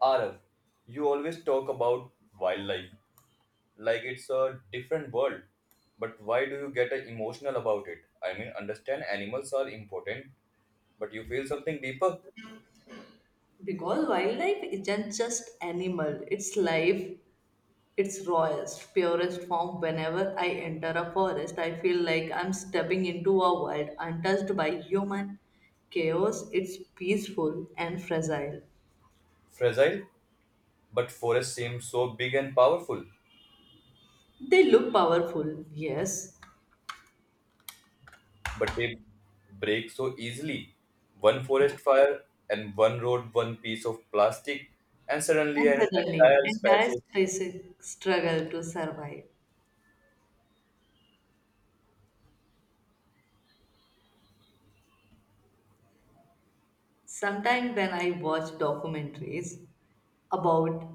Arav, you always talk about wildlife like it's a different world, but why do you get emotional about it? I mean, understand animals are important, but you feel something deeper, Because wildlife isn't just animal, it's life, its rawest, purest form. Whenever I enter a forest, I feel like I'm stepping into a world untouched by human chaos. It's peaceful and fragile. fragile. But forests seem so big and powerful, They look powerful, yes, but they break so easily. One forest fire and one road, one piece of plastic, and suddenly and an suddenly entire entire species. species struggle to survive. Sometimes when I watch documentaries about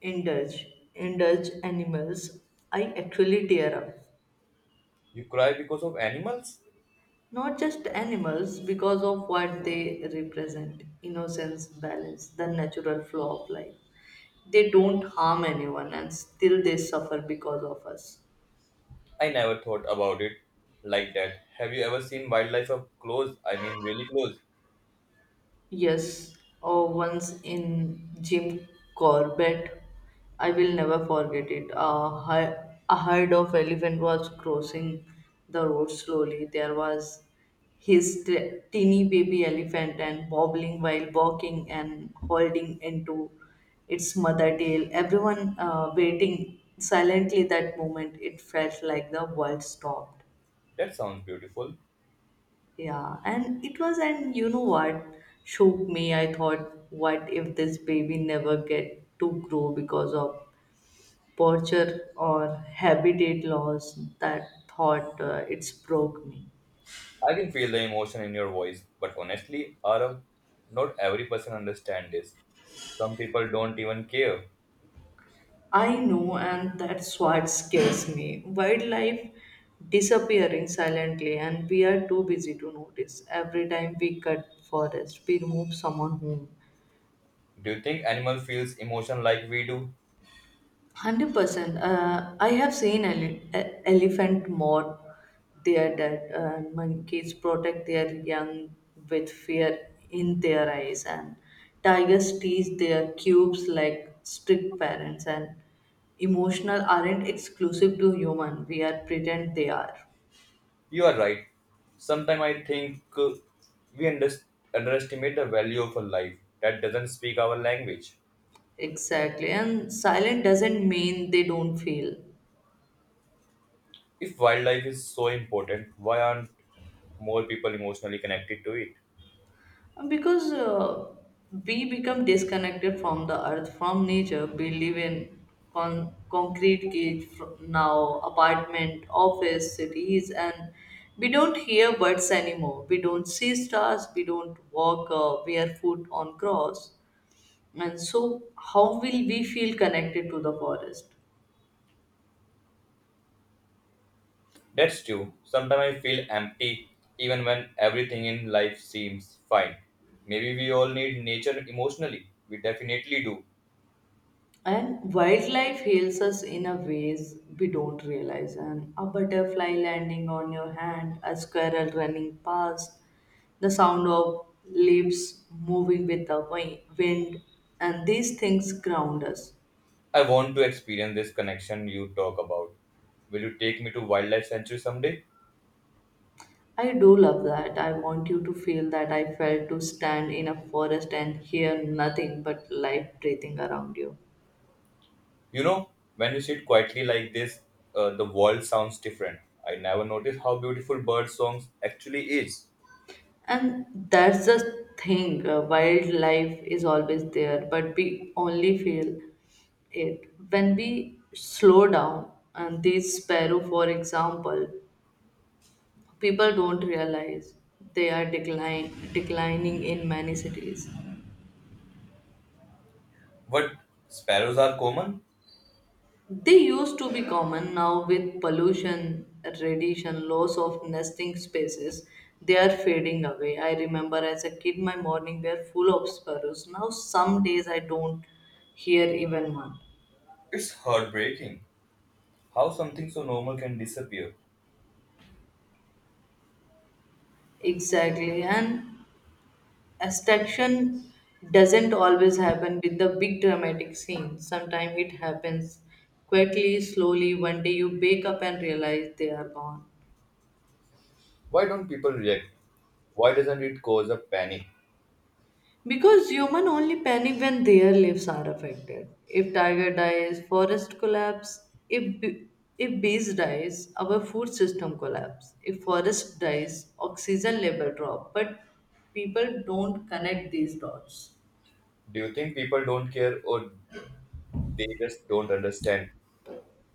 indulge indulge animals, I actually tear up. You cry because of animals? Not just animals, because of what they represent innocence, balance, the natural flow of life. They don't harm anyone and still they suffer because of us. I never thought about it like that. Have you ever seen wildlife up close? I mean, really close. Yes, or once in Jim Corbett, I will never forget it. A herd of elephant was crossing the road slowly. There was teeny baby elephant and bobbling while walking and holding into its mother tail. Everyone waiting silently that moment. It felt like the world stopped. That sounds beautiful. Yeah, and it was, and you know what shook me? I thought, what if this baby never get to grow because of torture or habitat loss? That thought, it's broke me. I can feel the emotion in your voice, but honestly, Arav, not every person understands this. Some people don't even care. I know, and that's what scares me. Wildlife disappearing silently, and we are too busy to notice. Every time we cut forest, we remove someone home. Do you think animal feels emotion like we do? 100%. I have seen elephant more. They are dead. Monkeys protect their young with fear in their eyes, and tigers teach their cubes like strict parents. And emotional aren't exclusive to human. We are pretend they are You are right. Sometimes I think we underestimate the value of a life that doesn't speak our language. exactly. And silent doesn't mean they don't feel. If wildlife is so important, why aren't more people emotionally connected to it? Because we become disconnected from the earth, from nature. We live in concrete cage now, apartment, office, cities, and we don't hear birds anymore. We don't see stars. We don't walk barefoot on grass. And so, how will we feel connected to the forest? That's true. Sometimes I feel empty even when everything in life seems fine. Maybe we all need nature emotionally. We definitely do. And wildlife heals us in a ways we don't realize. And a butterfly landing on your hand, a squirrel running past, the sound of leaves moving with the wind, and these things ground us. I want to experience this connection you talk about. Will you take me to Wildlife Sanctuary someday? I do love that. I want you to feel that I felt to stand in a forest and hear nothing but life breathing around you. You know, when you sit quietly like this, the world sounds different. I never noticed how beautiful bird songs actually is. And that's the thing, wildlife is always there, but we only feel it. When we slow down, and these sparrow, for example, people don't realize they are declining in many cities. But sparrows are common. They used to be common now with pollution, radiation, loss of nesting spaces. They are fading away. I remember as a kid my morning were full of sparrows. Now some days I don't hear even one. It's heartbreaking how something so normal can disappear. Exactly. And extinction doesn't always happen with the big dramatic scene. Sometimes it happens quietly, slowly. One day you wake up and realize they are gone. Why don't people react? Why doesn't it cause a panic? Because human only panic when their lives are affected. If tiger dies, forest collapse. If bees dies, our food system collapse. If forest dies, oxygen level drop. But people don't connect these dots. Do you think people don't care or they just don't understand?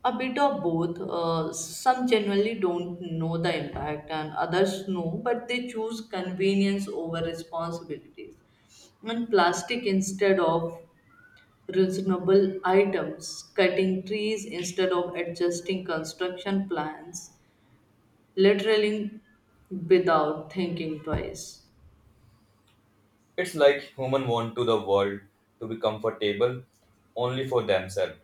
A bit of both. Some genuinely don't know the impact, and others know, but they choose convenience over responsibilities and plastic instead of reasonable items, cutting trees instead of adjusting construction plans, literally without thinking twice. It's like human want to the world to be comfortable only for themselves.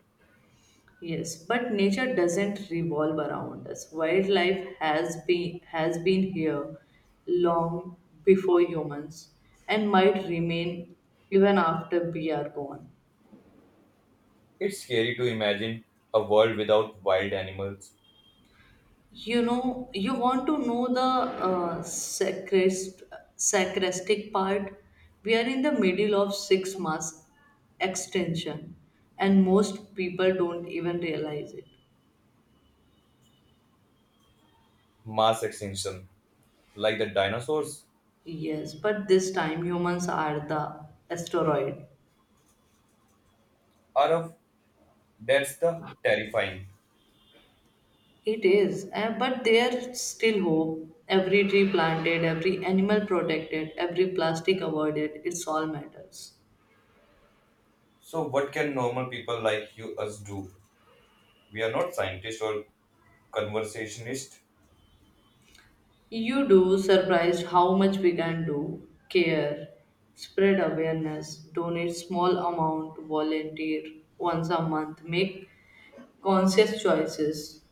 Yes, but nature doesn't revolve around us. Wildlife has been here long before humans and might remain even after we are gone. It's scary to imagine a world without wild animals, You know, you want to know the sacristic part? We are in the middle of six mass extension, and most people don't even realize it. mass extinction, like the dinosaurs Yes, but this time humans are the asteroid. are of that's the terrifying. It is, but there's still hope. Every tree planted, every animal protected, every plastic avoided, it's all matters. So what can normal people like you us do? We are not scientists or conversationists You do surprised how much we can do. Care, spread awareness, donate small amount, volunteer once a month, make conscious choices.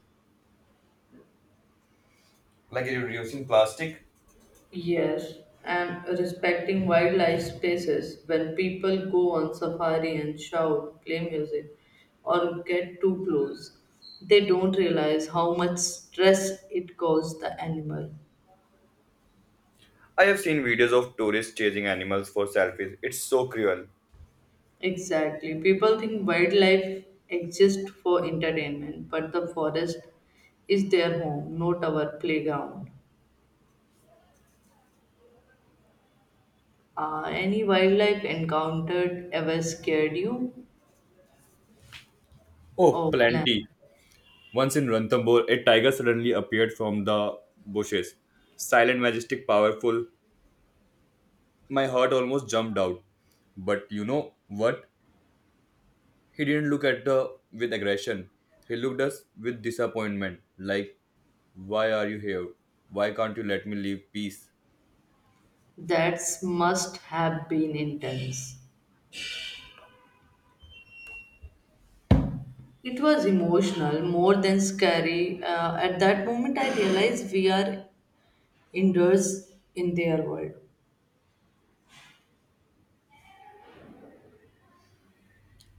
like reducing plastic. Yes, and respecting wildlife spaces. When people go on safari and shout, play music, or get too close, they don't realize how much stress it causes the animal. I have seen videos of tourists chasing animals for selfies. It's so cruel. Exactly. People think wildlife exists for entertainment, but the forest is their home, not our playground. Any wildlife encountered ever scared you Oh, or plan? plenty. Once in Ranthambore, a tiger suddenly appeared from the bushes. Silent, majestic, powerful. My heart almost jumped out. But you know what? He didn't look at us with aggression. He looked us with disappointment. Like, why are you here? Why can't you let me live peace? That must have been intense. It was emotional, more than scary. At that moment, I realized we are indoors in their world.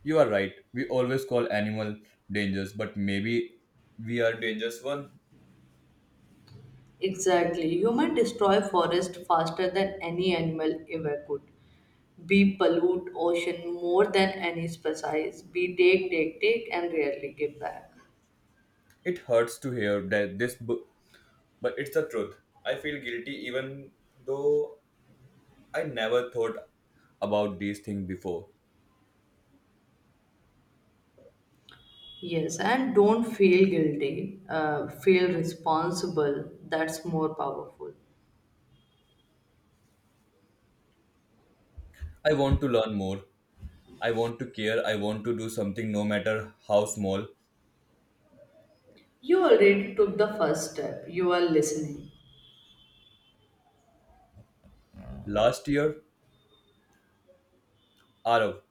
You are right. We always call animal dangerous, but maybe we are dangerous one. Exactly. Human destroy forest faster than any animal ever could. We pollute ocean more than any species. We take, take, take, and rarely give back. It hurts to hear that this book, but it's the truth. I feel guilty even though I never thought about these things before. Yes, and don't feel guilty. Feel responsible. That's more powerful. I want to learn more. I want to care. I want to do something no matter how small. You already took the first step. You are listening. Last year, Arav,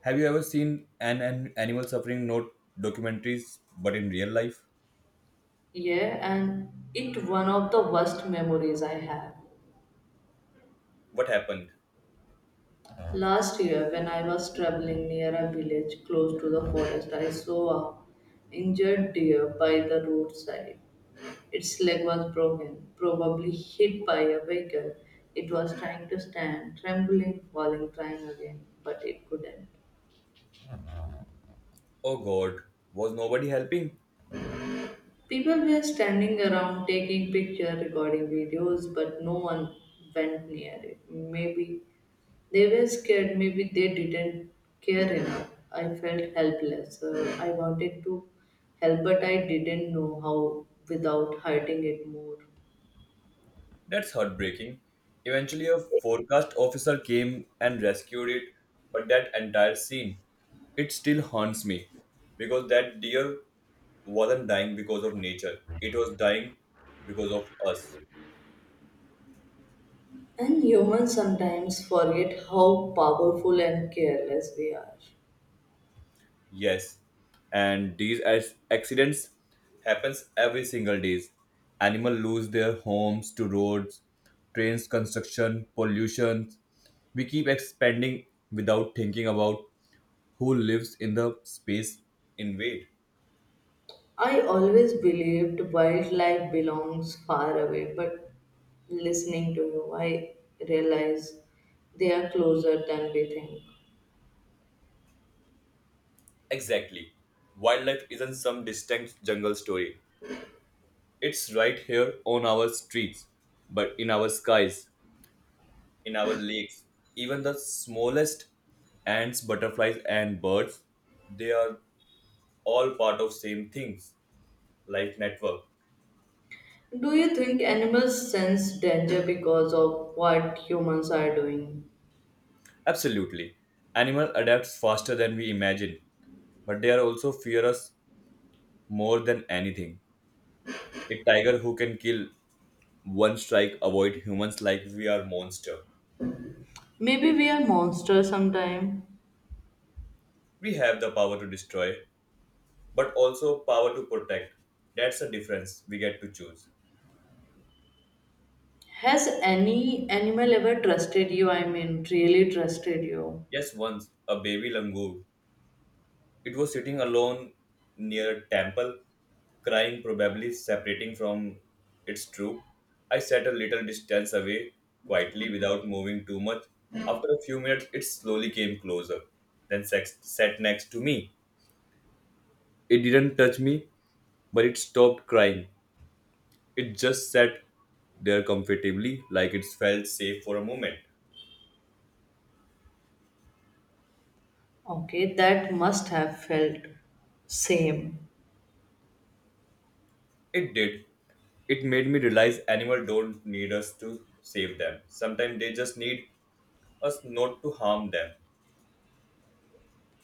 have you ever seen an animal suffering not documentaries but in real life? Yeah, and it one of the worst memories I have. What happened? Last year, when I was traveling near a village close to the forest, I saw a injured deer by the roadside. Its leg was broken, probably hit by a vehicle. It was trying to stand, trembling, falling, trying again, but it couldn't. Oh god, was nobody helping? People were standing around taking pictures, recording videos, but no one went near it. Maybe they were scared, maybe they didn't care enough. I felt helpless. I wanted to help, but I didn't know how without hurting it more. That's heartbreaking. Eventually, a forecast officer came and rescued it, but that entire scene, it still haunts me because that deer wasn't dying because of nature, it was dying because of us. And humans sometimes forget how powerful and careless we are. Yes, and these accidents happens every single day. Animals lose their homes to roads, trains, construction, pollution. We keep expanding without thinking about who lives in the space invade. I always believed wildlife belongs far away, but listening to you, I realize they are closer than we think. Exactly. Wildlife isn't some distant jungle story. It's right here on our streets, but in our skies, in our lakes, even the smallest ants, butterflies, and birds, they are all part of same things, life network. Do you think animals sense danger because of what humans are doing? Absolutely. Animal adapts faster than we imagine, but they are also fear us more than anything. A tiger who can kill one strike avoid humans like we are monster. Maybe we are monsters sometime. We have the power to destroy but also power to protect. That's the difference we get to choose. Has any animal ever trusted you? I mean, really trusted you? Yes, once a baby langur, it was sitting alone near temple crying, probably separating from its troop. I sat a little distance away quietly without moving too much. After a few minutes it slowly came closer, then sat next to me. It didn't touch me, but it stopped crying. It just sat there comfortably, like it felt safe for a moment. Okay, that must have felt same. It did. It made me realize animals don't need us to save them. Sometimes they just need us not to harm them.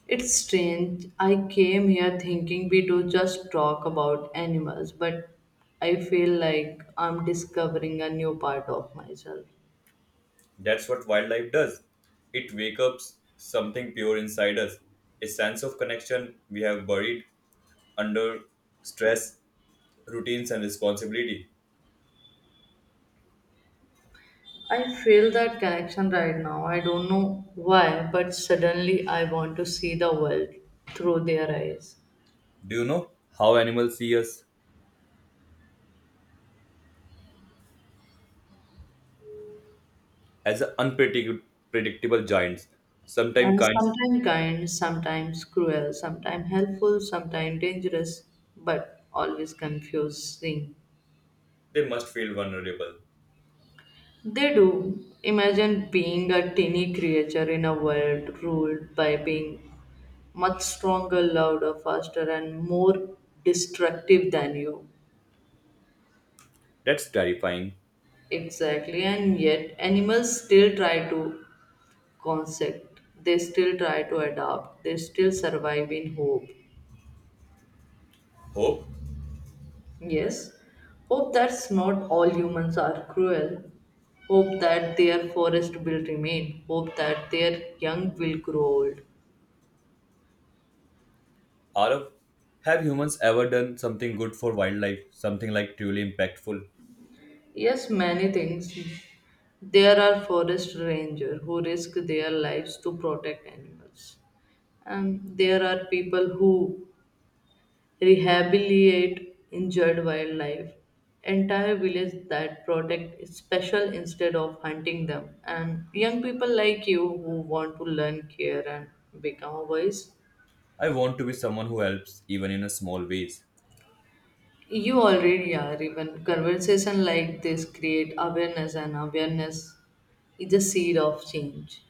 It's strange. I came here thinking we do just talk about animals, but I feel like I'm discovering a new part of myself. That's what wildlife does. It wakes up something pure inside us, a sense of connection we have buried under stress, routines, and responsibility. I feel that connection right now. I don't know why, but suddenly I want to see the world through their eyes. Do you know how animals see us? As unpredictable giants, sometimes And kind. sometimes kind, sometimes cruel, sometimes helpful, sometimes dangerous, but always confusing. They must feel vulnerable. They do. Imagine being a teeny creature in a world ruled by being much stronger, louder, faster, and more destructive than you. That's terrifying. Exactly, and yet animals still try to concept, they still try to adapt, they still survive in hope. Hope? Yes, hope that's not all humans are cruel. Hope that their forest will remain. Hope that their young will grow old. Arav, have humans ever done something good for wildlife? Something like truly impactful? Yes, many things. There are forest rangers who risk their lives to protect animals. And there are people who rehabilitate injured wildlife. Entire villages that protect special instead of hunting them. And young people like you who want to learn care and become a voice. I want to be someone who helps, even in a small ways. You already are even conversation like this create awareness and awareness is the seed of change.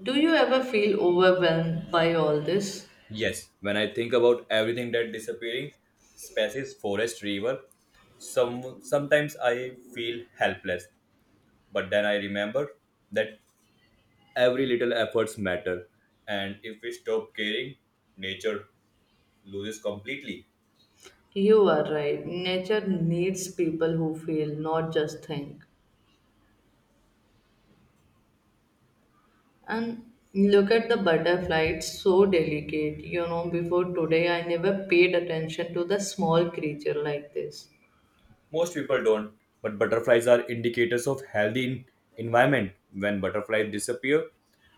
Do you ever feel overwhelmed by all this? Yes, when I think about everything that disappearing, species, forest, river, sometimes I feel helpless. But then I remember that every little efforts matter, and if we stop caring, nature loses completely. You are right. Nature needs people who feel, not just think. And look at the butterfly, it's so delicate. You know, before today, I never paid attention to the small creature like this. Most people don't, but butterflies are indicators of healthy environment. When butterflies disappear,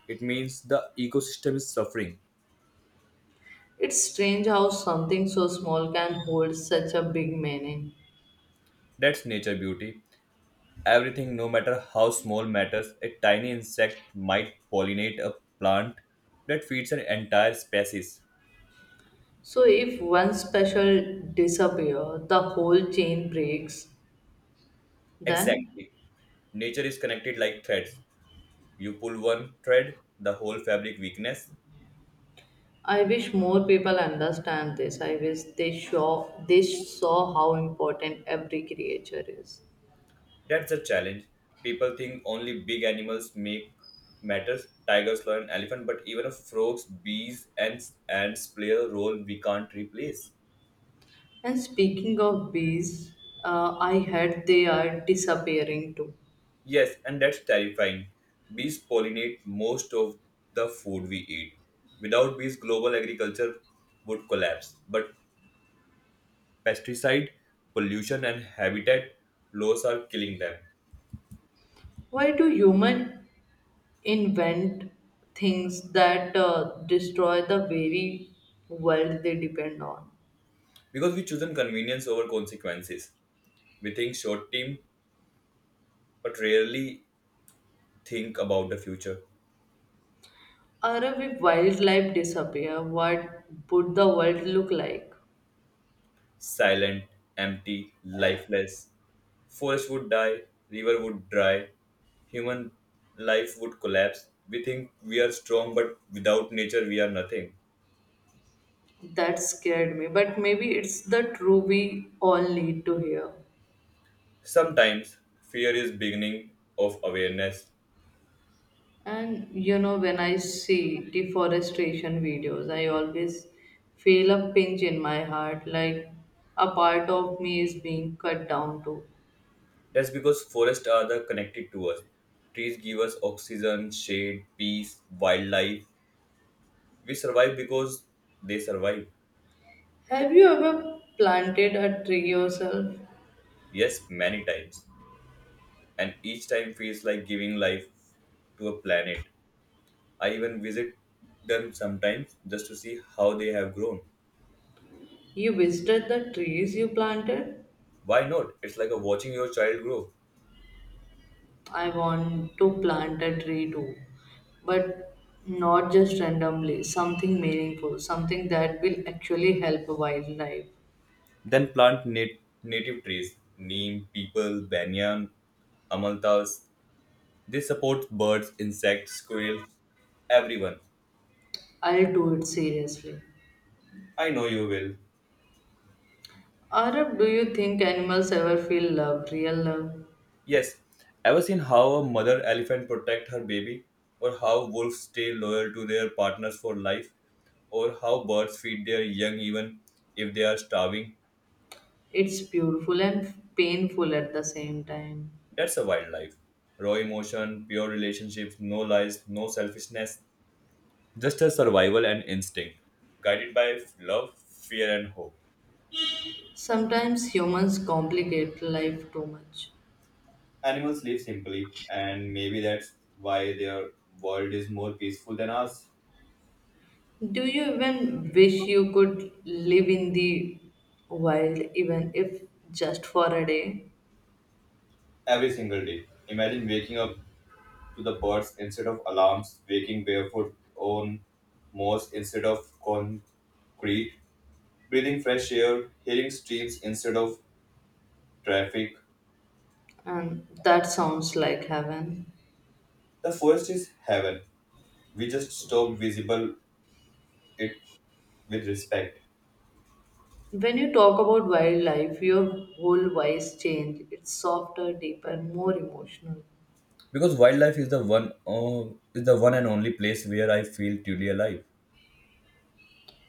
it means the ecosystem is suffering. It's strange how something so small can hold such a big meaning. That's nature beauty. Everything, no matter how small, matters. A tiny insect might pollinate a plant that feeds an entire species. So, if one special disappear, the whole chain breaks, then Exactly. Nature is connected like threads. You pull one thread, the whole fabric weakness. I wish more people understand this. I wish they show they saw how important every creature is. That's a challenge. People think only big animals make matters. Tigers, lion, elephant, but even frogs, bees, and ants play a role we can't replace. And speaking of bees, I heard they are disappearing too. Yes, and that's terrifying. Bees pollinate most of the food we eat. Without bees, global agriculture would collapse. But pesticide, pollution, and habitat laws are killing them Why do humans invent things that destroy the very world they depend on? because we choose convenience over consequences. We think short term, but rarely think about the future. Or if wildlife disappear, what would the world look like? Silent, empty, lifeless. Forest would die, river would dry, human life would collapse. We think we are strong, but without nature, we are nothing. That scared me, but maybe it's the truth we all need to hear. Sometimes fear is beginning of awareness. And you know, when I see deforestation videos, I always feel a pinch in my heart, like a part of me is being cut down too. That's because forests are the connected to us. Trees give us oxygen, shade, peace, wildlife. We survive because they survive. Have you ever planted a tree yourself? Yes, many times. And each time feels like giving life to a planet. I even visit them sometimes just to see how they have grown. You visited the trees you planted? Why not? It's like a watching your child grow. I want to plant a tree too, but not just randomly, something meaningful, something that will actually help wildlife. Then plant native trees, neem, people, banyan, amalthas. They support birds, insects, squirrels, everyone. I'll do it seriously. I know you will. Arab, do you think animals ever feel love, real love? Yes, ever seen how a mother elephant protect her baby, or how wolves stay loyal to their partners for life, or how birds feed their young even if they are starving? It's beautiful and painful at the same time. That's a wildlife. Raw emotion, pure relationships, no lies, no selfishness, just a survival and instinct, guided by love, fear, and hope. Sometimes humans complicate life too much. Animals live simply, and maybe that's why their world is more peaceful than ours. Do you even wish you could live in the wild, even if just for a day? Every single day, imagine waking up to the birds instead of alarms, waking barefoot on moss instead of concrete, breathing fresh air, hearing streams instead of traffic. And that sounds like heaven. The forest is heaven. We just stop visible it with respect. When you talk about wildlife, your whole voice changes. It's softer, deeper, more emotional. Because wildlife is is the one and only place where I feel truly alive.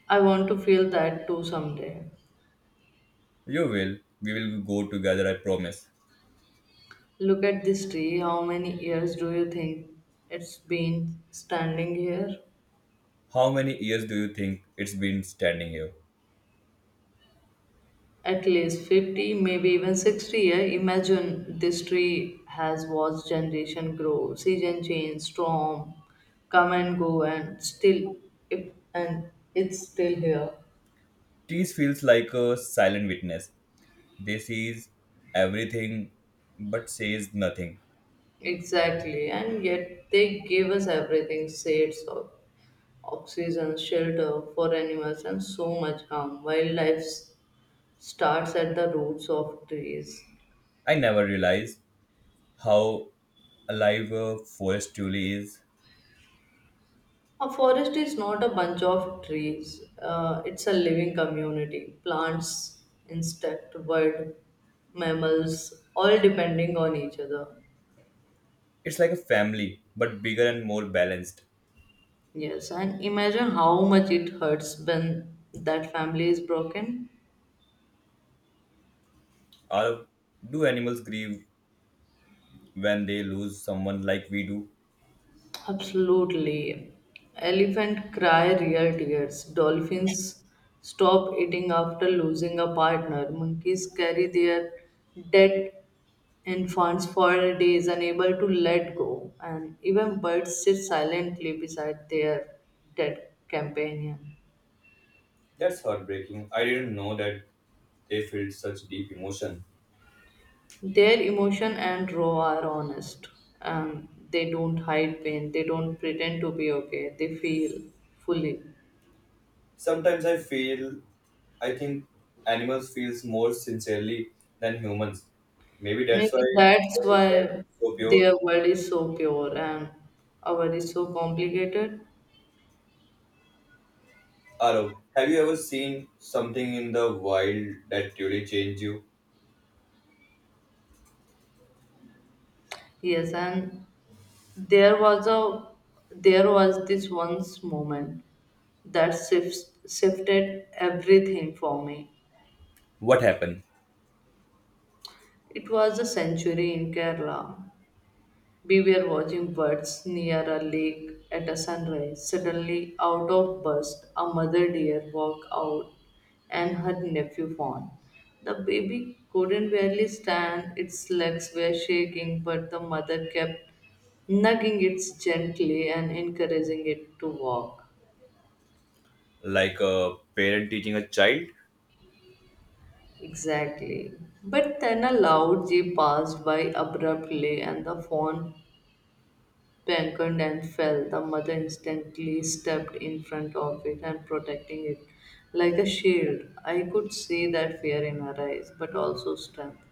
I want to feel that too someday. You will. We will go together, I promise. Look at this tree. How many years do you think it's been standing here? How many years do you think it's been standing here? At least 50, maybe even 60 years. Imagine this tree has watched generation grow, season change, storm, come and go, and still, it, and it's still here. Trees feels like a silent witness. They sees everything but says nothing. Exactly, and yet they gave us everything shades of oxygen, shelter for animals, and so much calm. Starts at the roots of trees. I never realized how alive a forest truly is. A forest is not a bunch of trees, it's a living community. Plants, insect, bird, mammals, all depending on each other. It's like a family, but bigger and more balanced. Yes, and imagine how much it hurts when that family is broken. Or do animals grieve when they lose someone like we do. Absolutely. Elephant cry real tears. Dolphins stop eating after losing a partner. Monkeys carry their dead infants for days, unable to let go. And even birds sit silently beside their dead companion. That's heartbreaking. I didn't know that they felt such deep emotion. Their emotion and raw are honest. They don't hide pain. They don't pretend to be okay. They feel fully. Sometimes I think animals feels more sincerely than humans. Maybe that's Maybe why that's their heart why is so pure. their world is so pure and our is so complicated. Arav, have you ever seen something in the wild that truly changed you? Yes, and there was a there was this once moment that shifted everything for me. What happened? It was a century in Kerala. We were watching birds near a lake at a sunrise. Suddenly, out of burst, a mother deer walked out and her nephew fawn. The baby couldn't barely stand, its legs were shaking, but the mother kept nugging it gently and encouraging it to walk. Like a parent teaching a child? Exactly. But then a loud jeep passed by abruptly and the fawn beckoned and fell. The mother instantly stepped in front of it and protecting it like a shield. I could see that fear in her eyes, but also strength.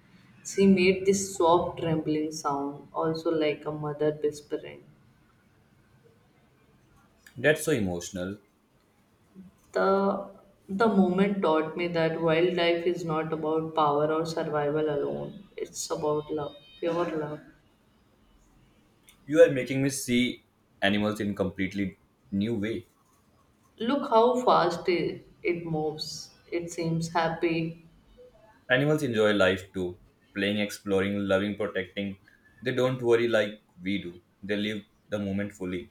She made this soft trembling sound, also like a mother whispering. That's so emotional. The the moment taught me that wildlife is not about power or survival alone. It's about love, pure love. You are making me see animals in completely new way. Look how fast it moves. It seems happy. Animals enjoy life too, playing, exploring, loving, protecting. They don't worry like we do, they live the moment fully.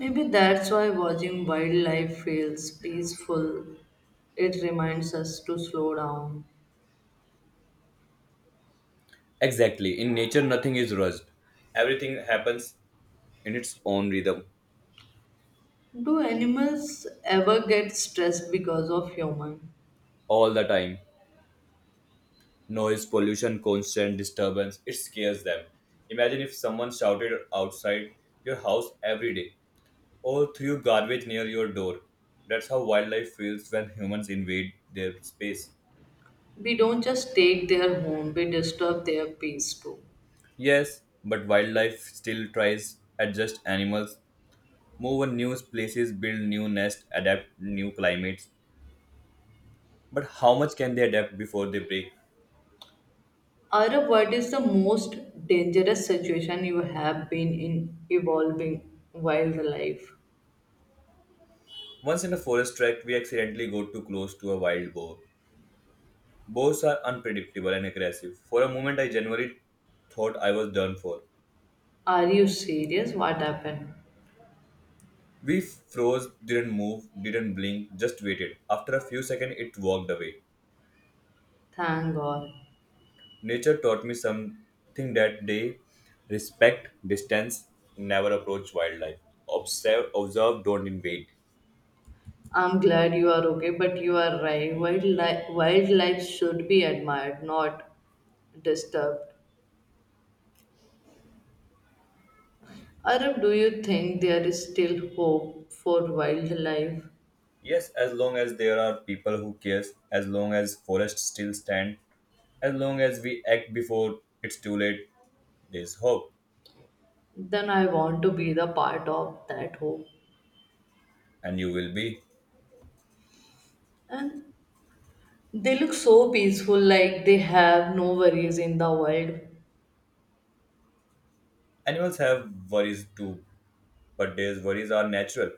Maybe that's why watching wildlife feels peaceful. It reminds us to slow down. Exactly. In nature, nothing is rushed. Everything happens in its own rhythm, Do animals ever get stressed because of human? all the time. Noise, pollution, constant disturbance, it scares them. Imagine if someone shouted outside your house every day or threw garbage near your door. That's how wildlife feels when humans invade their space. We don't just take their home, we disturb their peace too. Yes, but wildlife still tries adjust animals, move on new places, build new nests, adapt new climates. But how much can they adapt before they break? Arup, what is the most dangerous situation you have been in evolving wildlife? Once in a forest track, we accidentally go too close to a wild boar. Boars are unpredictable and aggressive. For a moment, I genuinely thought I was done for. Are you serious? What happened? We froze, didn't move, didn't blink, just waited. After a few seconds, it walked away. Thank God. Nature taught me something that day respect, distance, never approach wildlife. Observe, don't invade. I'm glad you are okay, but you are right. Wildlife should be admired, not disturbed. Arab, do you think there is still hope for wildlife? Yes, as long as there are people who cares, as long as forests still stand, as long as we act before it's too late, there's hope, Then I want to be the part of that hope. and you will be. And they look so peaceful, like they have no worries in the world. Animals have worries too, but their worries are natural.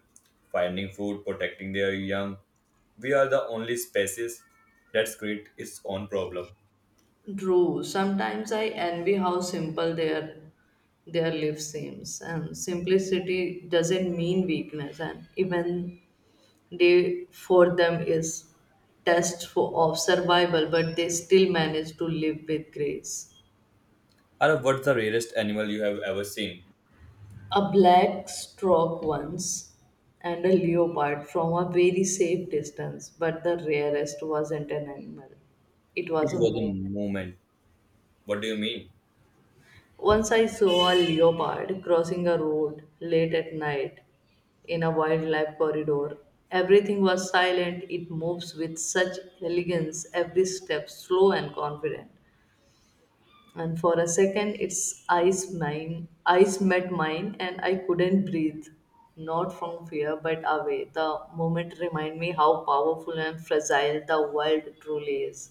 Finding food, protecting their young. We are the only species that's create its own problem. True, sometimes I envy how simple their life seems, and simplicity doesn't mean weakness, and even day for them is test for, of survival, but they still manage to live with grace. Arav, what's the rarest animal you have ever seen? A black stork once and a leopard from a very safe distance, but the rarest wasn't an animal. It It was a was a moment. moment. What do you mean? Once I saw a leopard crossing a road late at night in a wildlife corridor. Everything was silent, it moves with such elegance, every step slow and confident. And for a second its eyes mine eyes met mine and I couldn't breathe, not from fear but away. The moment remind me how powerful and fragile the world truly is.